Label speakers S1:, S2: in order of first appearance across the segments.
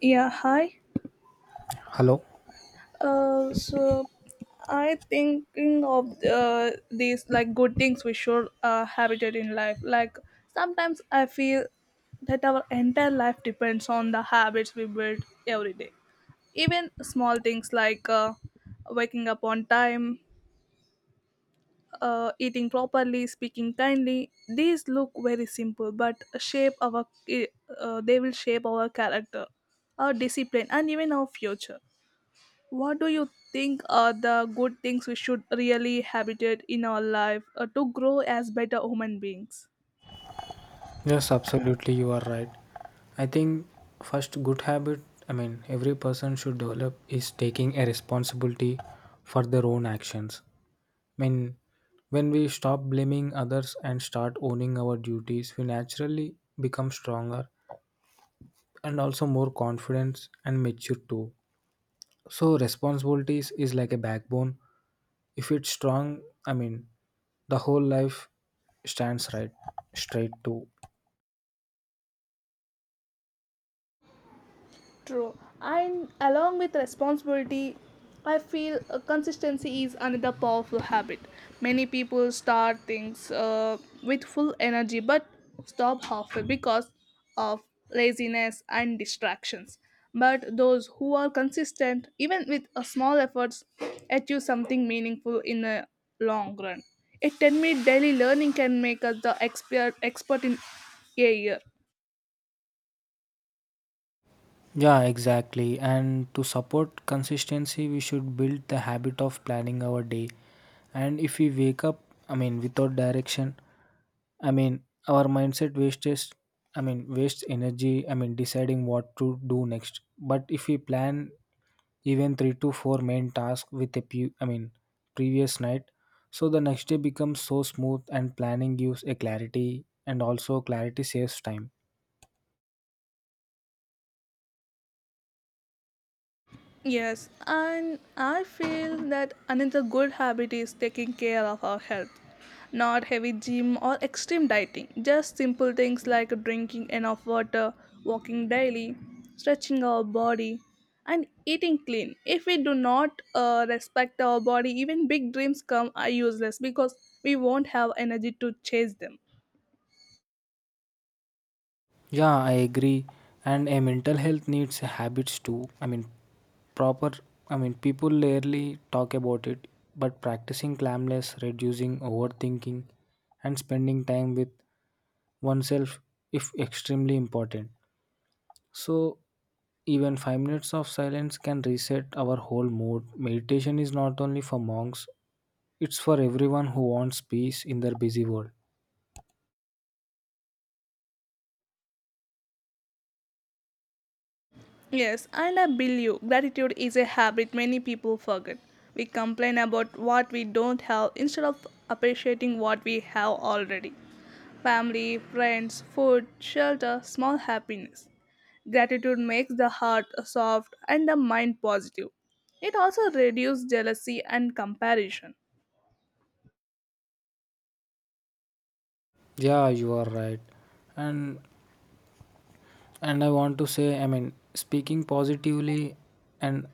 S1: Yeah, hi.
S2: Hello.
S1: So I thinking of these like good things we should have it in life. Like sometimes I feel that our entire life depends on the habits we build every day. Even small things like waking up on time, eating properly, speaking kindly. These look very simple, but shape our they will shape our character, our discipline, and even our future. What do you think are the good things we should really habitate in our life to grow as better human beings?
S2: Yes, absolutely, you are right. I think first good habit I mean every person should develop is taking a responsibility for their own actions. I mean when we stop blaming others and start owning our duties, we naturally become stronger and also more confident and mature too. So responsibilities is like a backbone. If it's strong, I mean the whole life stands right straight too.
S1: True. And along with responsibility, I feel consistency is another powerful habit. Many people start things with full energy but stop halfway because of laziness and distractions. But those who are consistent, even with a small efforts, achieve something meaningful in the long run. A 10-minute daily learning can make us the expert in a year.
S2: Yeah, exactly. And to support consistency, we should build the habit of planning our day. And if we wake up, I mean, without direction, I mean, our mindset wastes, I mean, wastes energy, I mean, deciding what to do next. But if we plan even three to four main tasks with I mean, previous night, so the next day becomes so smooth and planning gives a clarity and also clarity saves time.
S1: Yes, and I feel that another good habit is taking care of our health. Not heavy gym or extreme dieting, just simple things like drinking enough water, walking daily, stretching our body, and eating clean. If we do not respect our body, even big dreams come are useless because we won't have energy to chase them.
S2: Yeah, I agree. And a mental health needs habits too. I mean, proper. I mean, people rarely talk about it, but practicing calmness, reducing overthinking, and spending time with oneself if extremely important. So, even 5 minutes of silence can reset our whole mood. Meditation is not only for monks, it's for everyone who wants peace in their busy world.
S1: Yes, and I believe gratitude is a habit many people forget. We complain about what we don't have instead of appreciating what we have already family, friends, food, shelter, small happiness. Gratitude makes the heart soft and the mind positive. It also reduces jealousy and comparison.
S2: Yeah, you are right. And and I want to say, I mean, speaking positively and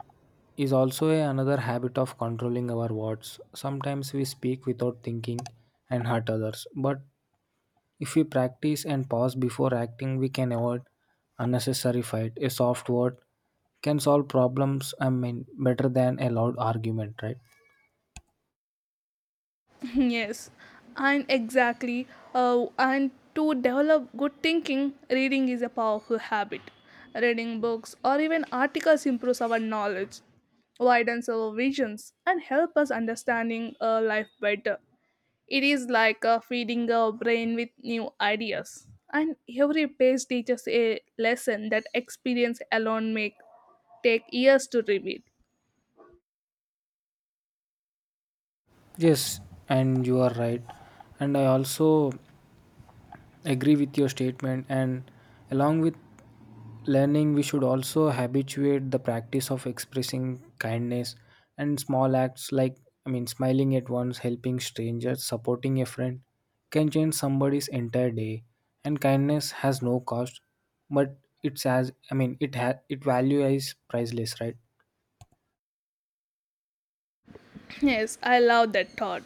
S2: is also another habit of controlling our words. Sometimes we speak without thinking and hurt others, but if we practice and pause before acting, we can avoid unnecessary fight. A soft word can solve problems, I mean, better than a loud argument, right?
S1: Yes, and exactly, and to develop good thinking, reading is a powerful habit. Reading books or even articles improves our knowledge, widens our visions, and help us understanding life better. It is like feeding our brain with new ideas, and every page teaches a lesson that experience alone make take years to reveal.
S2: Yes, and you are right. And I also agree with your statement. And along with learning, we should also habituate the practice of expressing kindness, and small acts like, I mean, smiling at once, helping strangers, supporting a friend, can change somebody's entire day. And kindness has no cost, but it's, as I mean it value is priceless, right?
S1: Yes, I love that thought.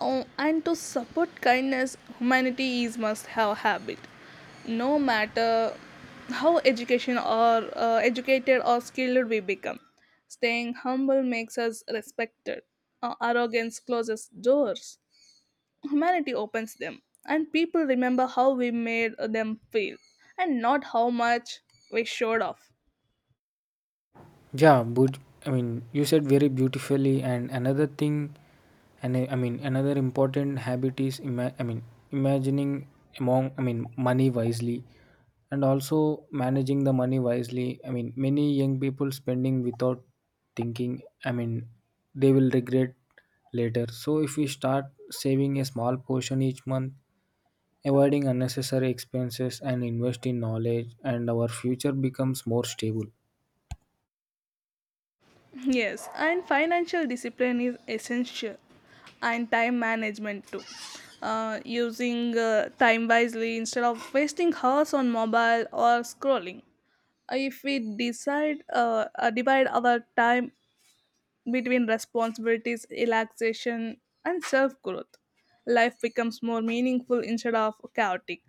S1: Oh, and to support kindness, humanity is must have habit. No matter how education or educated or skilled we become, staying humble makes us respected. Arrogance closes doors. Humanity opens them, and people remember how we made them feel, and not how much we showed off.
S2: Yeah, but I mean, you said very beautifully. And another thing, and I mean, another important habit is, I mean, imagining among, I mean, money wisely and also managing the money wisely. I mean, many young people spending without thinking, I mean, they will regret later. So, if we start saving a small portion each month, avoiding unnecessary expenses, and invest in knowledge, and our future becomes more stable.
S1: Yes, and financial discipline is essential, and time management too. Using time wisely instead of wasting hours on mobile or scrolling. If we decide divide our time between responsibilities, relaxation, and self growth, life becomes more meaningful instead of chaotic.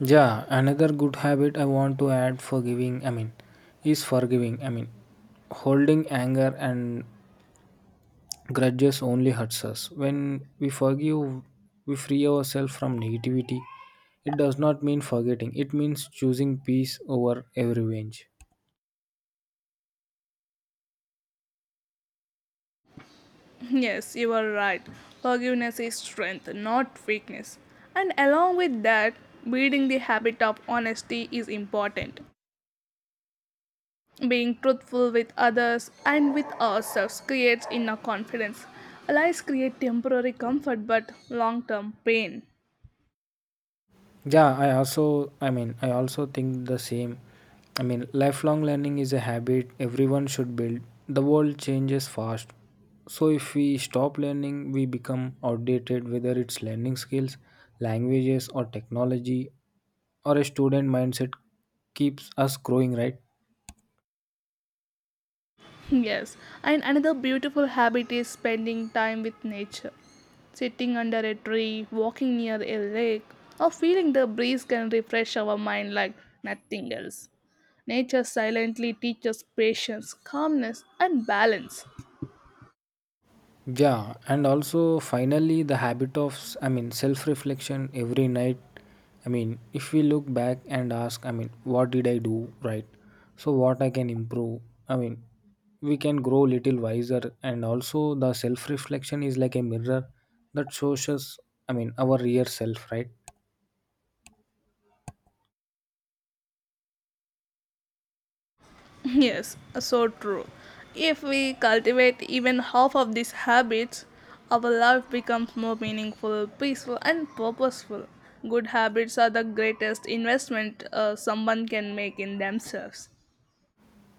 S2: Yeah, another good habit I want to add for giving. I mean, is forgiving. I mean, holding anger and grudges only hurts us. When we forgive, we free ourselves from negativity. It does not mean forgetting, it means choosing peace over every revenge.
S1: Yes, you are right. Forgiveness is strength, not weakness. And along with that, building the habit of honesty is important. Being truthful with others and with ourselves creates inner confidence. Lies create temporary comfort but long term pain.
S2: Yeah, I also, I mean, I also think the same. I mean, lifelong learning is a habit everyone should build. The world changes fast. So, if we stop learning, we become outdated, whether it's learning skills, languages, or technology, or a student mindset keeps us growing, right?
S1: Yes, and another beautiful habit is spending time with nature. Sitting under a tree, walking near a lake, or feeling the breeze can refresh our mind like nothing else. Nature silently teaches patience, calmness, and balance.
S2: Yeah, and also finally the habit of I mean self reflection every night. I mean, if we look back and ask, I mean, what did I do right, so what I can improve, I mean, we can grow little wiser. And also the self reflection is like a mirror that shows us, I mean, our real self, right?
S1: Yes, so true. If we cultivate even half of these habits, our life becomes more meaningful, peaceful, and purposeful. Good habits are the greatest investment someone can make in themselves.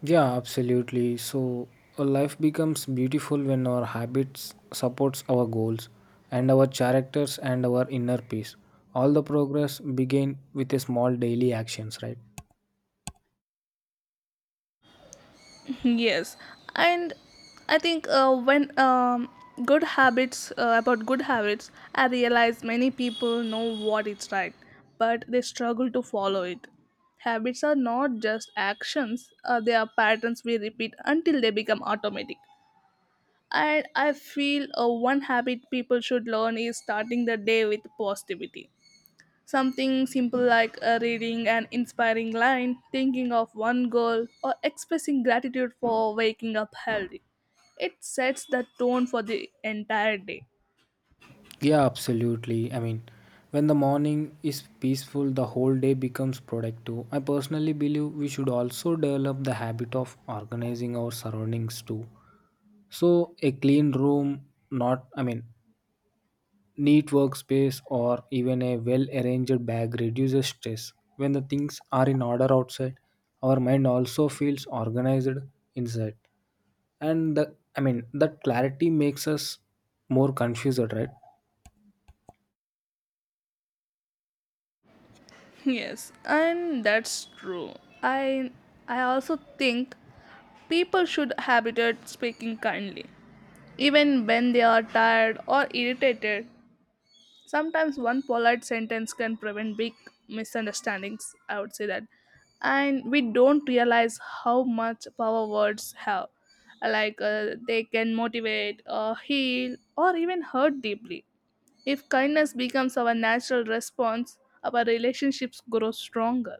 S2: Yeah, absolutely. So, a life becomes beautiful when our habits supports our goals and our characters and our inner peace. All the progress begin with a small daily actions, right?
S1: Yes, and I think when good habits about good habits, I realize many people know what is right, but they struggle to follow it. Habits are not just actions; they are patterns we repeat until they become automatic. And I feel one habit people should learn is starting the day with positivity. Something simple like reading an inspiring line, thinking of one goal, or expressing gratitude for waking up healthy. It sets the tone for the entire day.
S2: Yeah, absolutely. I mean, when the morning is peaceful, the whole day becomes productive. I personally believe we should also develop the habit of organizing our surroundings too. So, a clean room, not, I mean, neat workspace or even a well arranged bag reduces stress. When the things are in order outside, our mind also feels organized inside. And the, I mean, that clarity makes us more confused, right?
S1: Yes, and that's true. I I also think people should habituate speaking kindly. Even when they are tired or irritated, sometimes one polite sentence can prevent big misunderstandings, I would say that. And we don't realize how much power words have. Like they can motivate, heal, or even hurt deeply. If kindness becomes our natural response, our relationships grow stronger.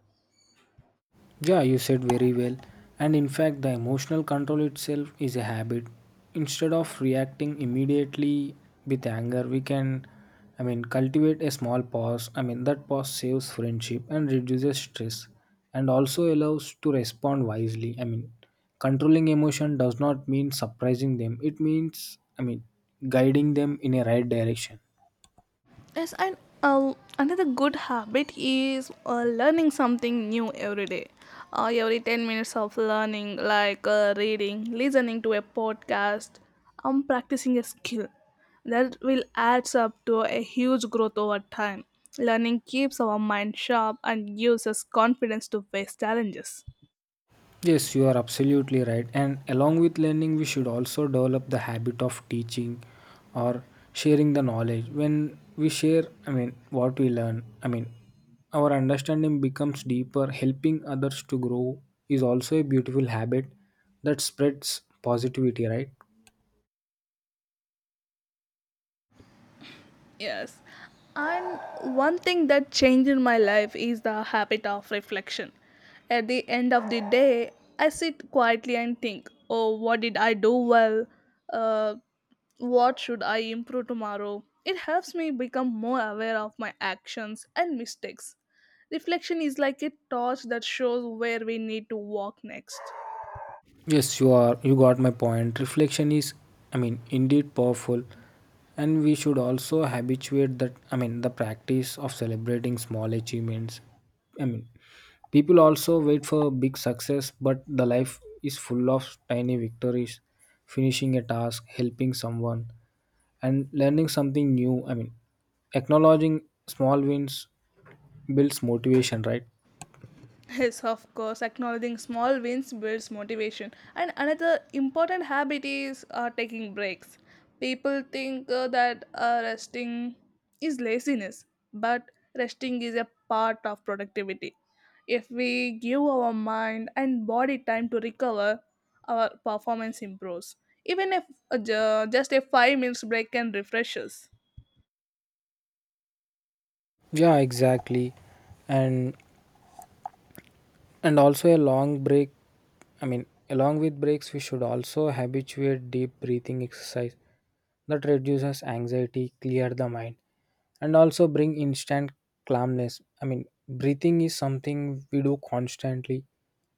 S2: Yeah, you said very well. And in fact, the emotional control itself is a habit. Instead of reacting immediately with anger, we can, I mean, cultivate a small pause. I mean, that pause saves friendship and reduces stress and also allows to respond wisely. I mean, controlling emotion does not mean surprising them, it means, I mean, guiding them in a right direction.
S1: Yes, and uh, another good habit is learning something new every day. Every 10 minutes of learning, like reading, listening to a podcast, practicing a skill, that will adds up to a huge growth over time. Learning keeps our mind sharp and gives us confidence to face challenges.
S2: Yes, you are absolutely right. And along with learning, we should also develop the habit of teaching or sharing the knowledge. When we share, I mean, what we learn, I mean, our understanding becomes deeper. Helping others to grow is also a beautiful habit that spreads positivity, right?
S1: Yes. And one thing that changed in my life is the habit of reflection. At the end of the day, I sit quietly and think, oh, what did I do well? Uh, what should I improve tomorrow? It helps me become more aware of my actions and mistakes. Reflection is like a torch that shows where we need to walk next.
S2: Yes, you are. You got my point. Reflection is, I mean, indeed powerful, and we should also habituate that. I mean, the practice of celebrating small achievements. I mean, people also wait for big success, but the life is full of tiny victories, finishing a task, helping someone, and learning something new. I mean, acknowledging small wins builds motivation, right?
S1: Yes, of course, acknowledging small wins builds motivation. And another important habit is taking breaks. People think that resting is laziness, but resting is a part of productivity. If we give our mind and body time to recover, our performance improves. Even if just a 5 minutes break can refresh us.
S2: Yeah, exactly. And and also a long break. I mean, along with breaks, we should also habituate deep breathing exercise that reduces anxiety, clear the mind, and also bring instant calmness. I mean, breathing is something we do constantly,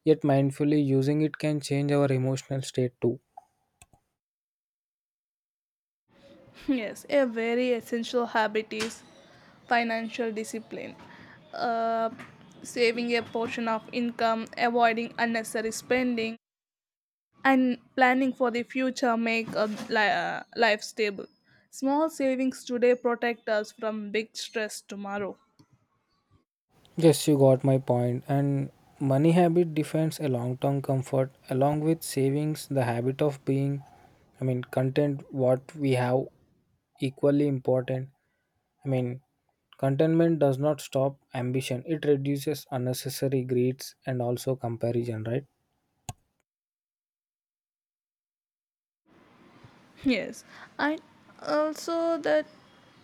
S2: yet mindfully using it can change our emotional state too.
S1: Yes, a very essential habit is financial discipline. Uh, Saving a portion of income, avoiding unnecessary spending, and planning for the future make a life stable. Small savings today protect us from big stress tomorrow.
S2: Yes, you got my point. And money habit defines a long term comfort. Along with savings, the habit of being, I mean, content what we have equally important. I mean, contentment does not stop ambition, it reduces unnecessary greeds and also comparison, right?
S1: Yes, and also that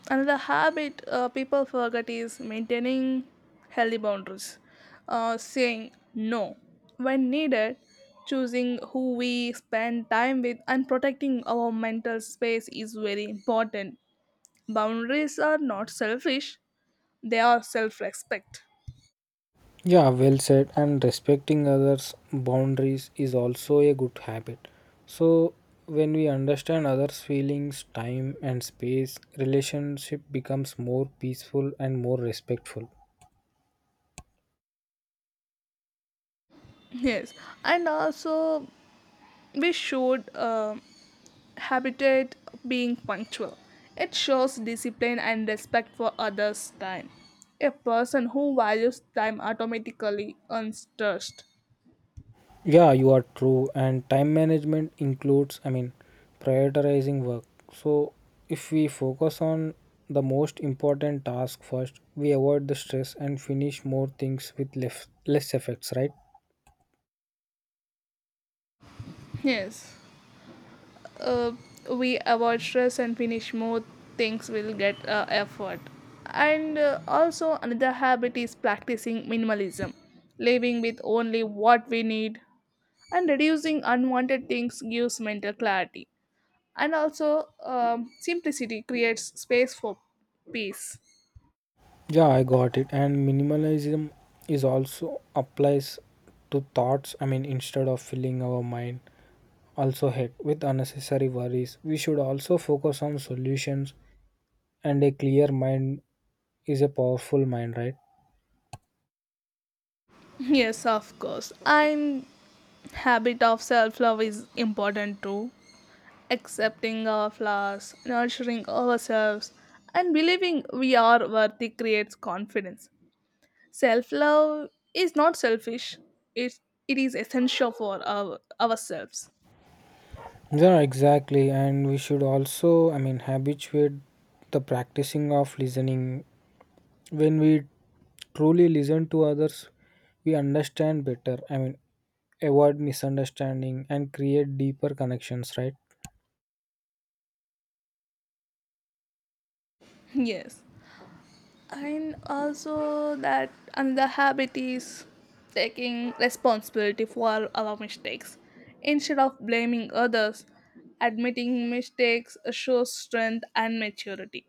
S1: another habit people forget is maintaining healthy boundaries, saying no when needed, choosing who we spend time with, and protecting our mental space is very important. Boundaries are not selfish; they are self-respect.
S2: Yeah, well said. And respecting others' boundaries is also a good habit. So, when we understand others' feelings, time, and space, relationship becomes more peaceful and more respectful.
S1: Yes, and also we should habitat being punctual. It shows discipline and respect for others' time. A person who values time automatically earns trust.
S2: Yeah, you are true. And time management includes, I mean, prioritizing work. So, if we focus on the most important task first, we avoid the stress and finish more things with less effects, right?
S1: Yes, uh, we avoid stress and finish more things will get effort. And also, another habit is practicing minimalism, living with only what we need, and reducing unwanted things gives mental clarity. And also simplicity creates space for peace.
S2: Yeah, I got it. And minimalism is also applies to thoughts. I mean, instead of filling our mind also head with unnecessary worries, we should also focus on solutions. And a clear mind is a powerful mind, right?
S1: Yes, of course. And habit of self-love is important too. Accepting our flaws, nurturing ourselves and believing we are worthy creates confidence. Self-love is not selfish, it, it is essential for ourselves.
S2: Yeah, exactly. And we should also, I mean, habituate the practicing of listening. When we truly listen to others, we understand better. I mean, avoid misunderstanding and create deeper connections, right?
S1: Yes, and also that another habit is taking responsibility for our mistakes instead of blaming others. Admitting mistakes shows strength and maturity.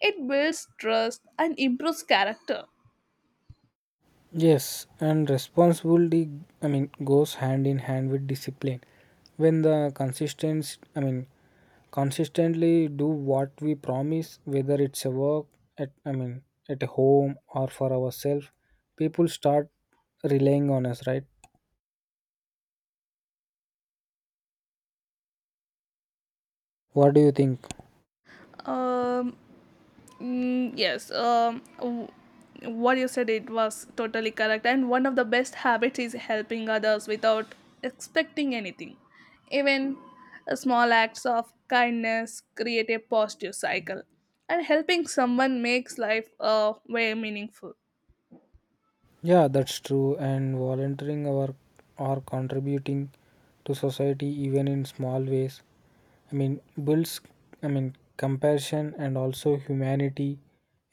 S1: It builds trust and improves character.
S2: Yes, and responsibility, I mean, goes hand in hand with discipline. When the consistence, I mean, consistently do what we promise, whether it's a work at, I mean, at a home or for ourselves, people start relying on us, right? What do you think?
S1: Um, yes, what you said it was totally correct. And one of the best habits is helping others without expecting anything. Even small acts of kindness create a positive cycle, and helping someone makes life way meaningful.
S2: Yeah, that's true. And volunteering or contributing to society even in small ways. I mean builds, I mean, compassion and also humanity.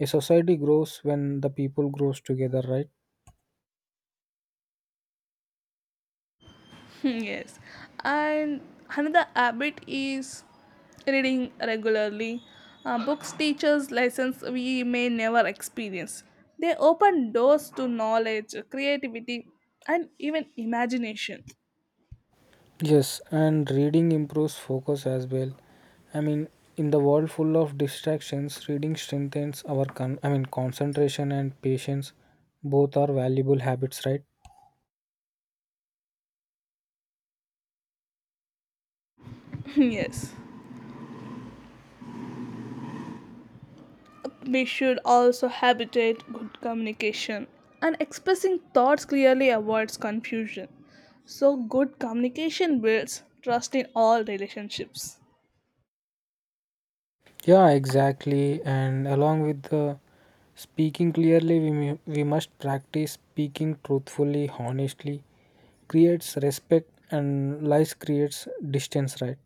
S2: A society grows when the people grows together, right?
S1: Yes, and another habit is reading regularly. Books teachers lessons we may never experience. They open doors to knowledge, creativity and even imagination.
S2: Yes, and reading improves focus as well. I mean, in the world full of distractions, reading strengthens our I mean concentration and patience. Both are valuable habits, right?
S1: Yes, we should also habitate good communication, and expressing thoughts clearly avoids confusion. So good communication builds trust in all relationships.
S2: Yeah, exactly. And along with the speaking clearly, we must practice speaking truthfully, honestly. Creates respect and lies creates distance, right?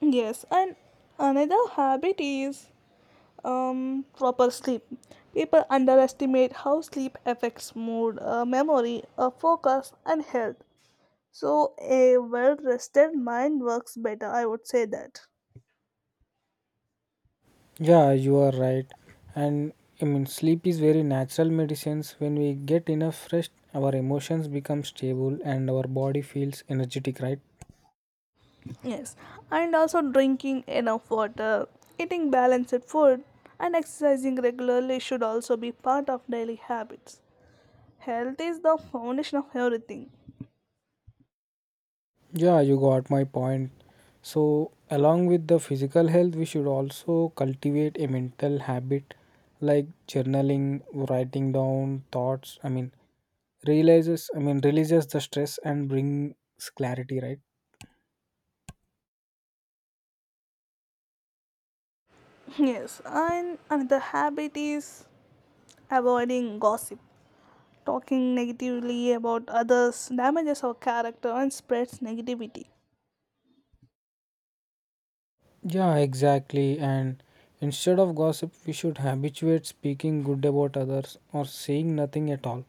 S1: Yes, and another habit is proper sleep. People underestimate how sleep affects mood, memory, focus, and health. So, a well rested mind works better, I would say that.
S2: Yeah, you are right. And I mean, sleep is very natural medicines. When we get enough rest, our emotions become stable and our body feels energetic, right?
S1: Yes, and also drinking enough water, eating balanced food, and exercising regularly should also be part of daily habits. Health is the foundation of everything.
S2: Yeah, you got my point. So, along with the physical health, we should also cultivate a mental habit like journaling, writing down thoughts. I mean, realizes, I mean, releases the stress and brings clarity, right?
S1: Yes, and another habit is avoiding gossip. Talking negatively about others damages our character and spreads negativity.
S2: Yeah, exactly. And instead of gossip, we should habituate speaking good about others or saying nothing at all.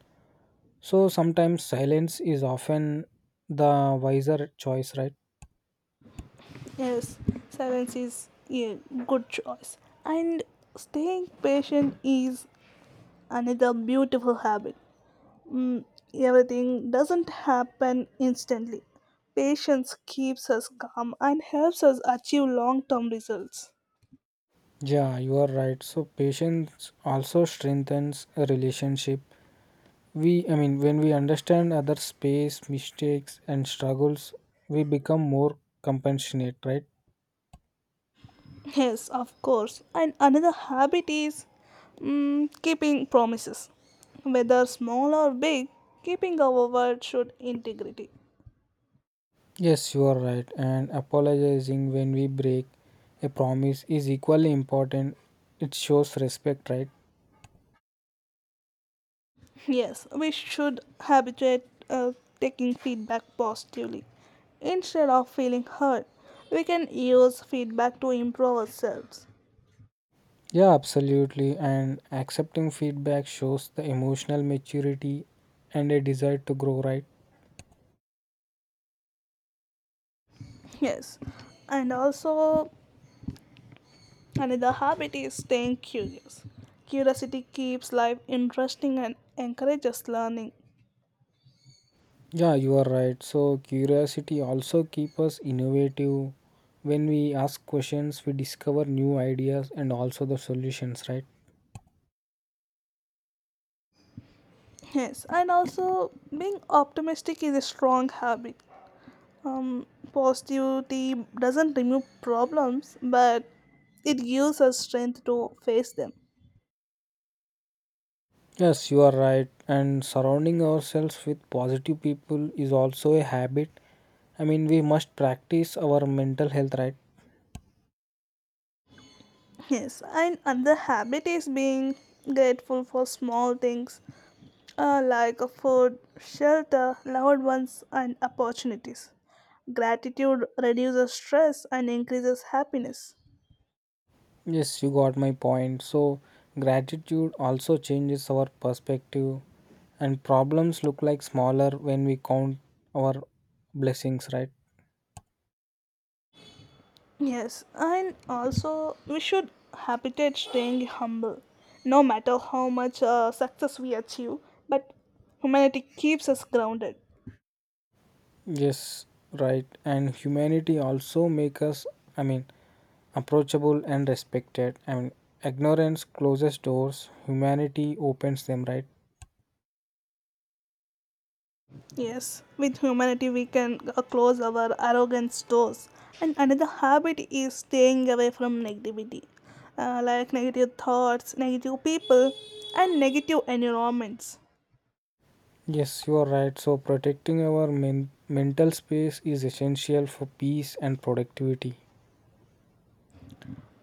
S2: So, sometimes silence is often the wiser choice, right?
S1: Yes, silence is a good choice. And staying patient is another beautiful habit. Mm, Everything doesn't happen instantly. Patience keeps us calm and helps us achieve long term results.
S2: Yeah, you are right. So patience also strengthens a relationship. We, I mean, when we understand other space, mistakes, and struggles, we become more compassionate, right?
S1: Yes, of course. And another habit is keeping promises. Whether small or big, keeping our word should integrity.
S2: Yes, you are right. And apologizing when we break a promise is equally important. It shows respect, right?
S1: Yes, we should habituate taking feedback positively. Instead of feeling hurt, we can use feedback to improve ourselves.
S2: Yeah, absolutely. And accepting feedback shows the emotional maturity and a desire to grow, right?
S1: Yes, and also another habit is staying curious. Curiosity keeps life interesting and encourages learning.
S2: Yeah, you are right. So curiosity also keeps us innovative. When we ask questions, we discover new ideas and also the solutions, right?
S1: Yes, and also being optimistic is a strong habit. Positivity doesn't remove problems, but it gives us strength to face them.
S2: Yes, you are right. And surrounding ourselves with positive people is also a habit. I mean, we must practice our mental health, right?
S1: Yes, and another habit is being grateful for small things like a food, shelter, loved ones, and opportunities. Gratitude reduces stress and increases happiness.
S2: Yes, you got my point. So, gratitude also changes our perspective, and problems look like smaller when we count our blessings, right?
S1: Yes, and also we should habitate staying humble, no matter how much success we achieve. But humanity keeps us grounded.
S2: Yes, right. And humanity also make us, I mean, approachable and respected. I mean, ignorance closes doors, humanity opens them, right?
S1: Yes, with humanity we can close our arrogance doors. And another habit is staying away from negativity, like negative thoughts, negative people, and negative environments.
S2: Yes, you are right. So, protecting our mental space is essential for peace and productivity.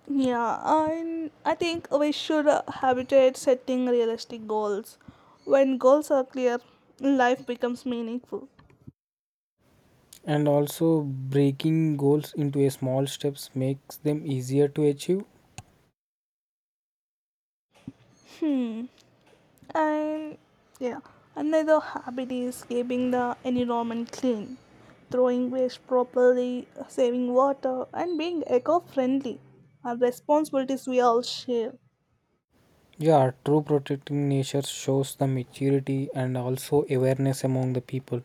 S1: Yeah, and I think we should habituate setting realistic goals. When goals are clear, life becomes meaningful.
S2: And also, breaking goals into a small steps makes them easier to achieve.
S1: Hmm, and yeah, Another habit is keeping the environment clean, throwing waste properly, saving water, and being eco friendly are responsibilities we all share.
S2: Yeah, true, protecting nature shows the maturity and also awareness among the people.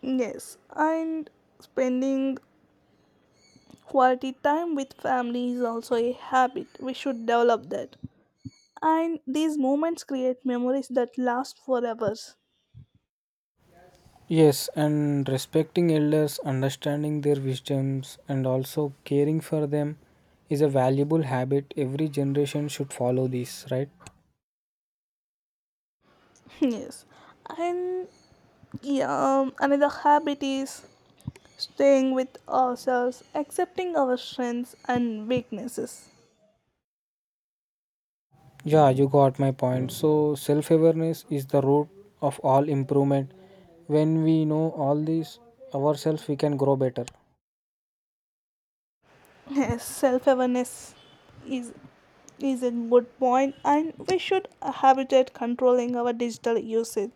S1: Yes, and spending quality time with family is also a habit. We should develop that, and these moments create memories that last forever.
S2: Yes, and respecting elders, understanding their wisdoms, and also caring for them is a valuable habit. Every generation should follow this, right?
S1: Yes, and yeah another habit is staying with ourselves, accepting our strengths and weaknesses.
S2: Yeah, you got my point. So, self awareness is the root of all improvement. When we know all this ourselves, we can grow better.
S1: Yes, self-awareness is is a good point, and we should habit controlling our digital usage.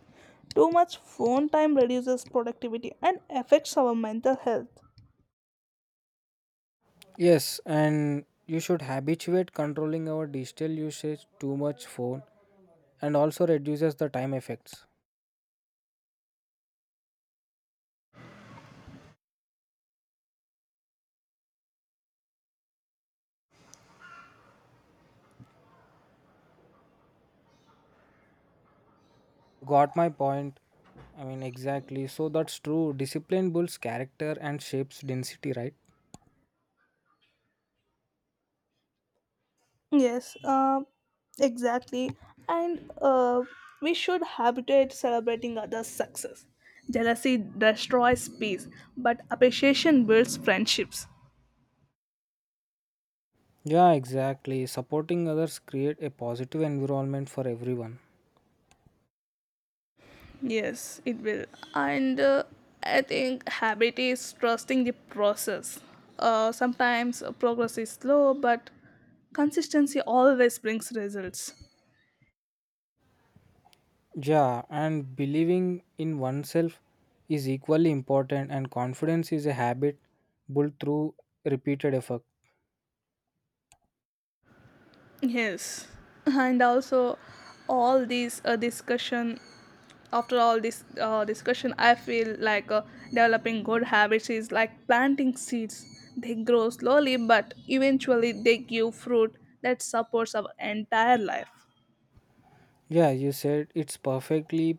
S1: Too much phone time reduces productivity and affects our mental health.
S2: Yes, and you should habituate controlling our digital usage too much phone and also reduces the time effects. Got my point. I mean, exactly. So that's true. Discipline builds character and shapes density, right?
S1: Yes, exactly. And we should habituate celebrating others' success. Jealousy destroys peace, but appreciation builds friendships.
S2: Yeah, exactly. Supporting others create a positive environment for everyone.
S1: Yes, it will. And I think habit is trusting the process. Sometimes progress is slow, but consistency always brings results.
S2: Yeah, and believing in oneself is equally important, and confidence is a habit built through repeated effort.
S1: Yes, and also all these discussion after all this discussion I feel like developing good habits is like planting seeds. They grow slowly but eventually they give fruit that supports our entire life.
S2: Yeah, you said it's perfectly.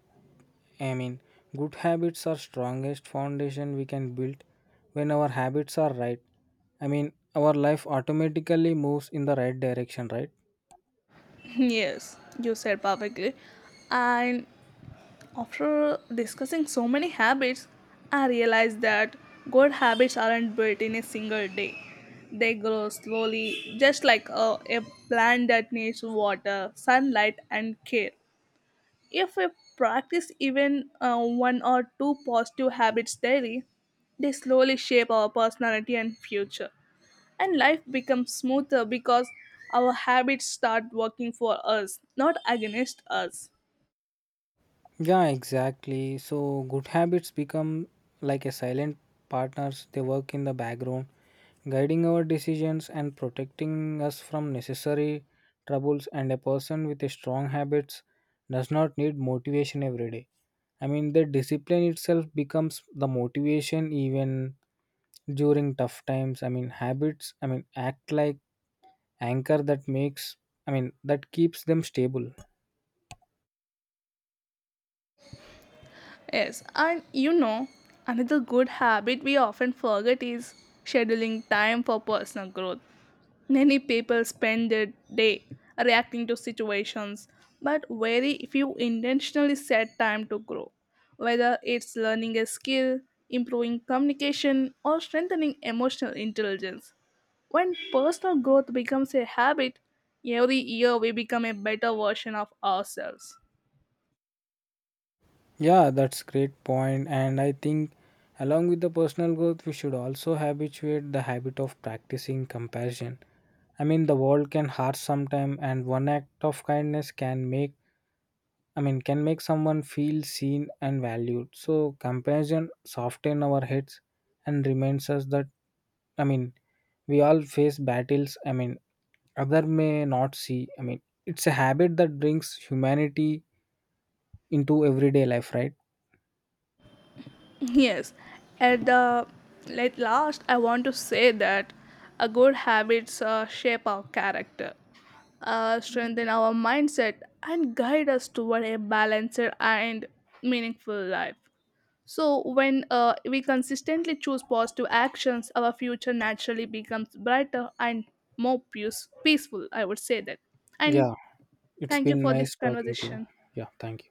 S2: I mean, good habits are strongest foundation we can build when our habits are right. I mean, our life automatically moves in the right direction, right?
S1: Yes, you said perfectly. And after discussing so many habits, I realized that good habits aren't built in a single day. They grow slowly, just like a plant that needs water, sunlight and care. If we practice even one or two positive habits daily, they slowly shape our personality and future. And life becomes smoother because our habits start working for us, not against us.
S2: Yeah, exactly. So good habits become like a silent partners. They work in the background, guiding our decisions and protecting us from necessary troubles. And a person with a strong habits does not need motivation every day. I mean, the discipline itself becomes the motivation. Even during tough times, I mean, habits, I mean, act like anchor that makes, I mean, that keeps them stable.
S1: Yes, and you know, another good habit we often forget is scheduling time for personal growth. Many people spend their day reacting to situations, but very few intentionally set time to grow. Whether it's learning a skill, improving communication, or strengthening emotional intelligence. When personal growth becomes a habit, every year we become a better version of ourselves.
S2: Yeah, that's great point. And I think along with the personal growth, we should also habituate the habit of practicing compassion. I mean, the world can hurt sometime, and one act of kindness can make, I mean, can make someone feel seen and valued. So compassion soften our heads and reminds us that, I mean, we all face battles, I mean, other may not see. I mean, it's a habit that brings humanity into everyday life, right?
S1: Yes, at the at last, I want to say that a good habits shape our character, strengthen our mindset, and guide us toward a balanced and meaningful life. So, when we consistently choose positive actions, our future naturally becomes brighter and more peaceful. I would say that.
S2: Yeah,
S1: And
S2: it's
S1: thank you
S2: been
S1: for this
S2: nice talking to you.
S1: conversation.
S2: Yeah, thank you.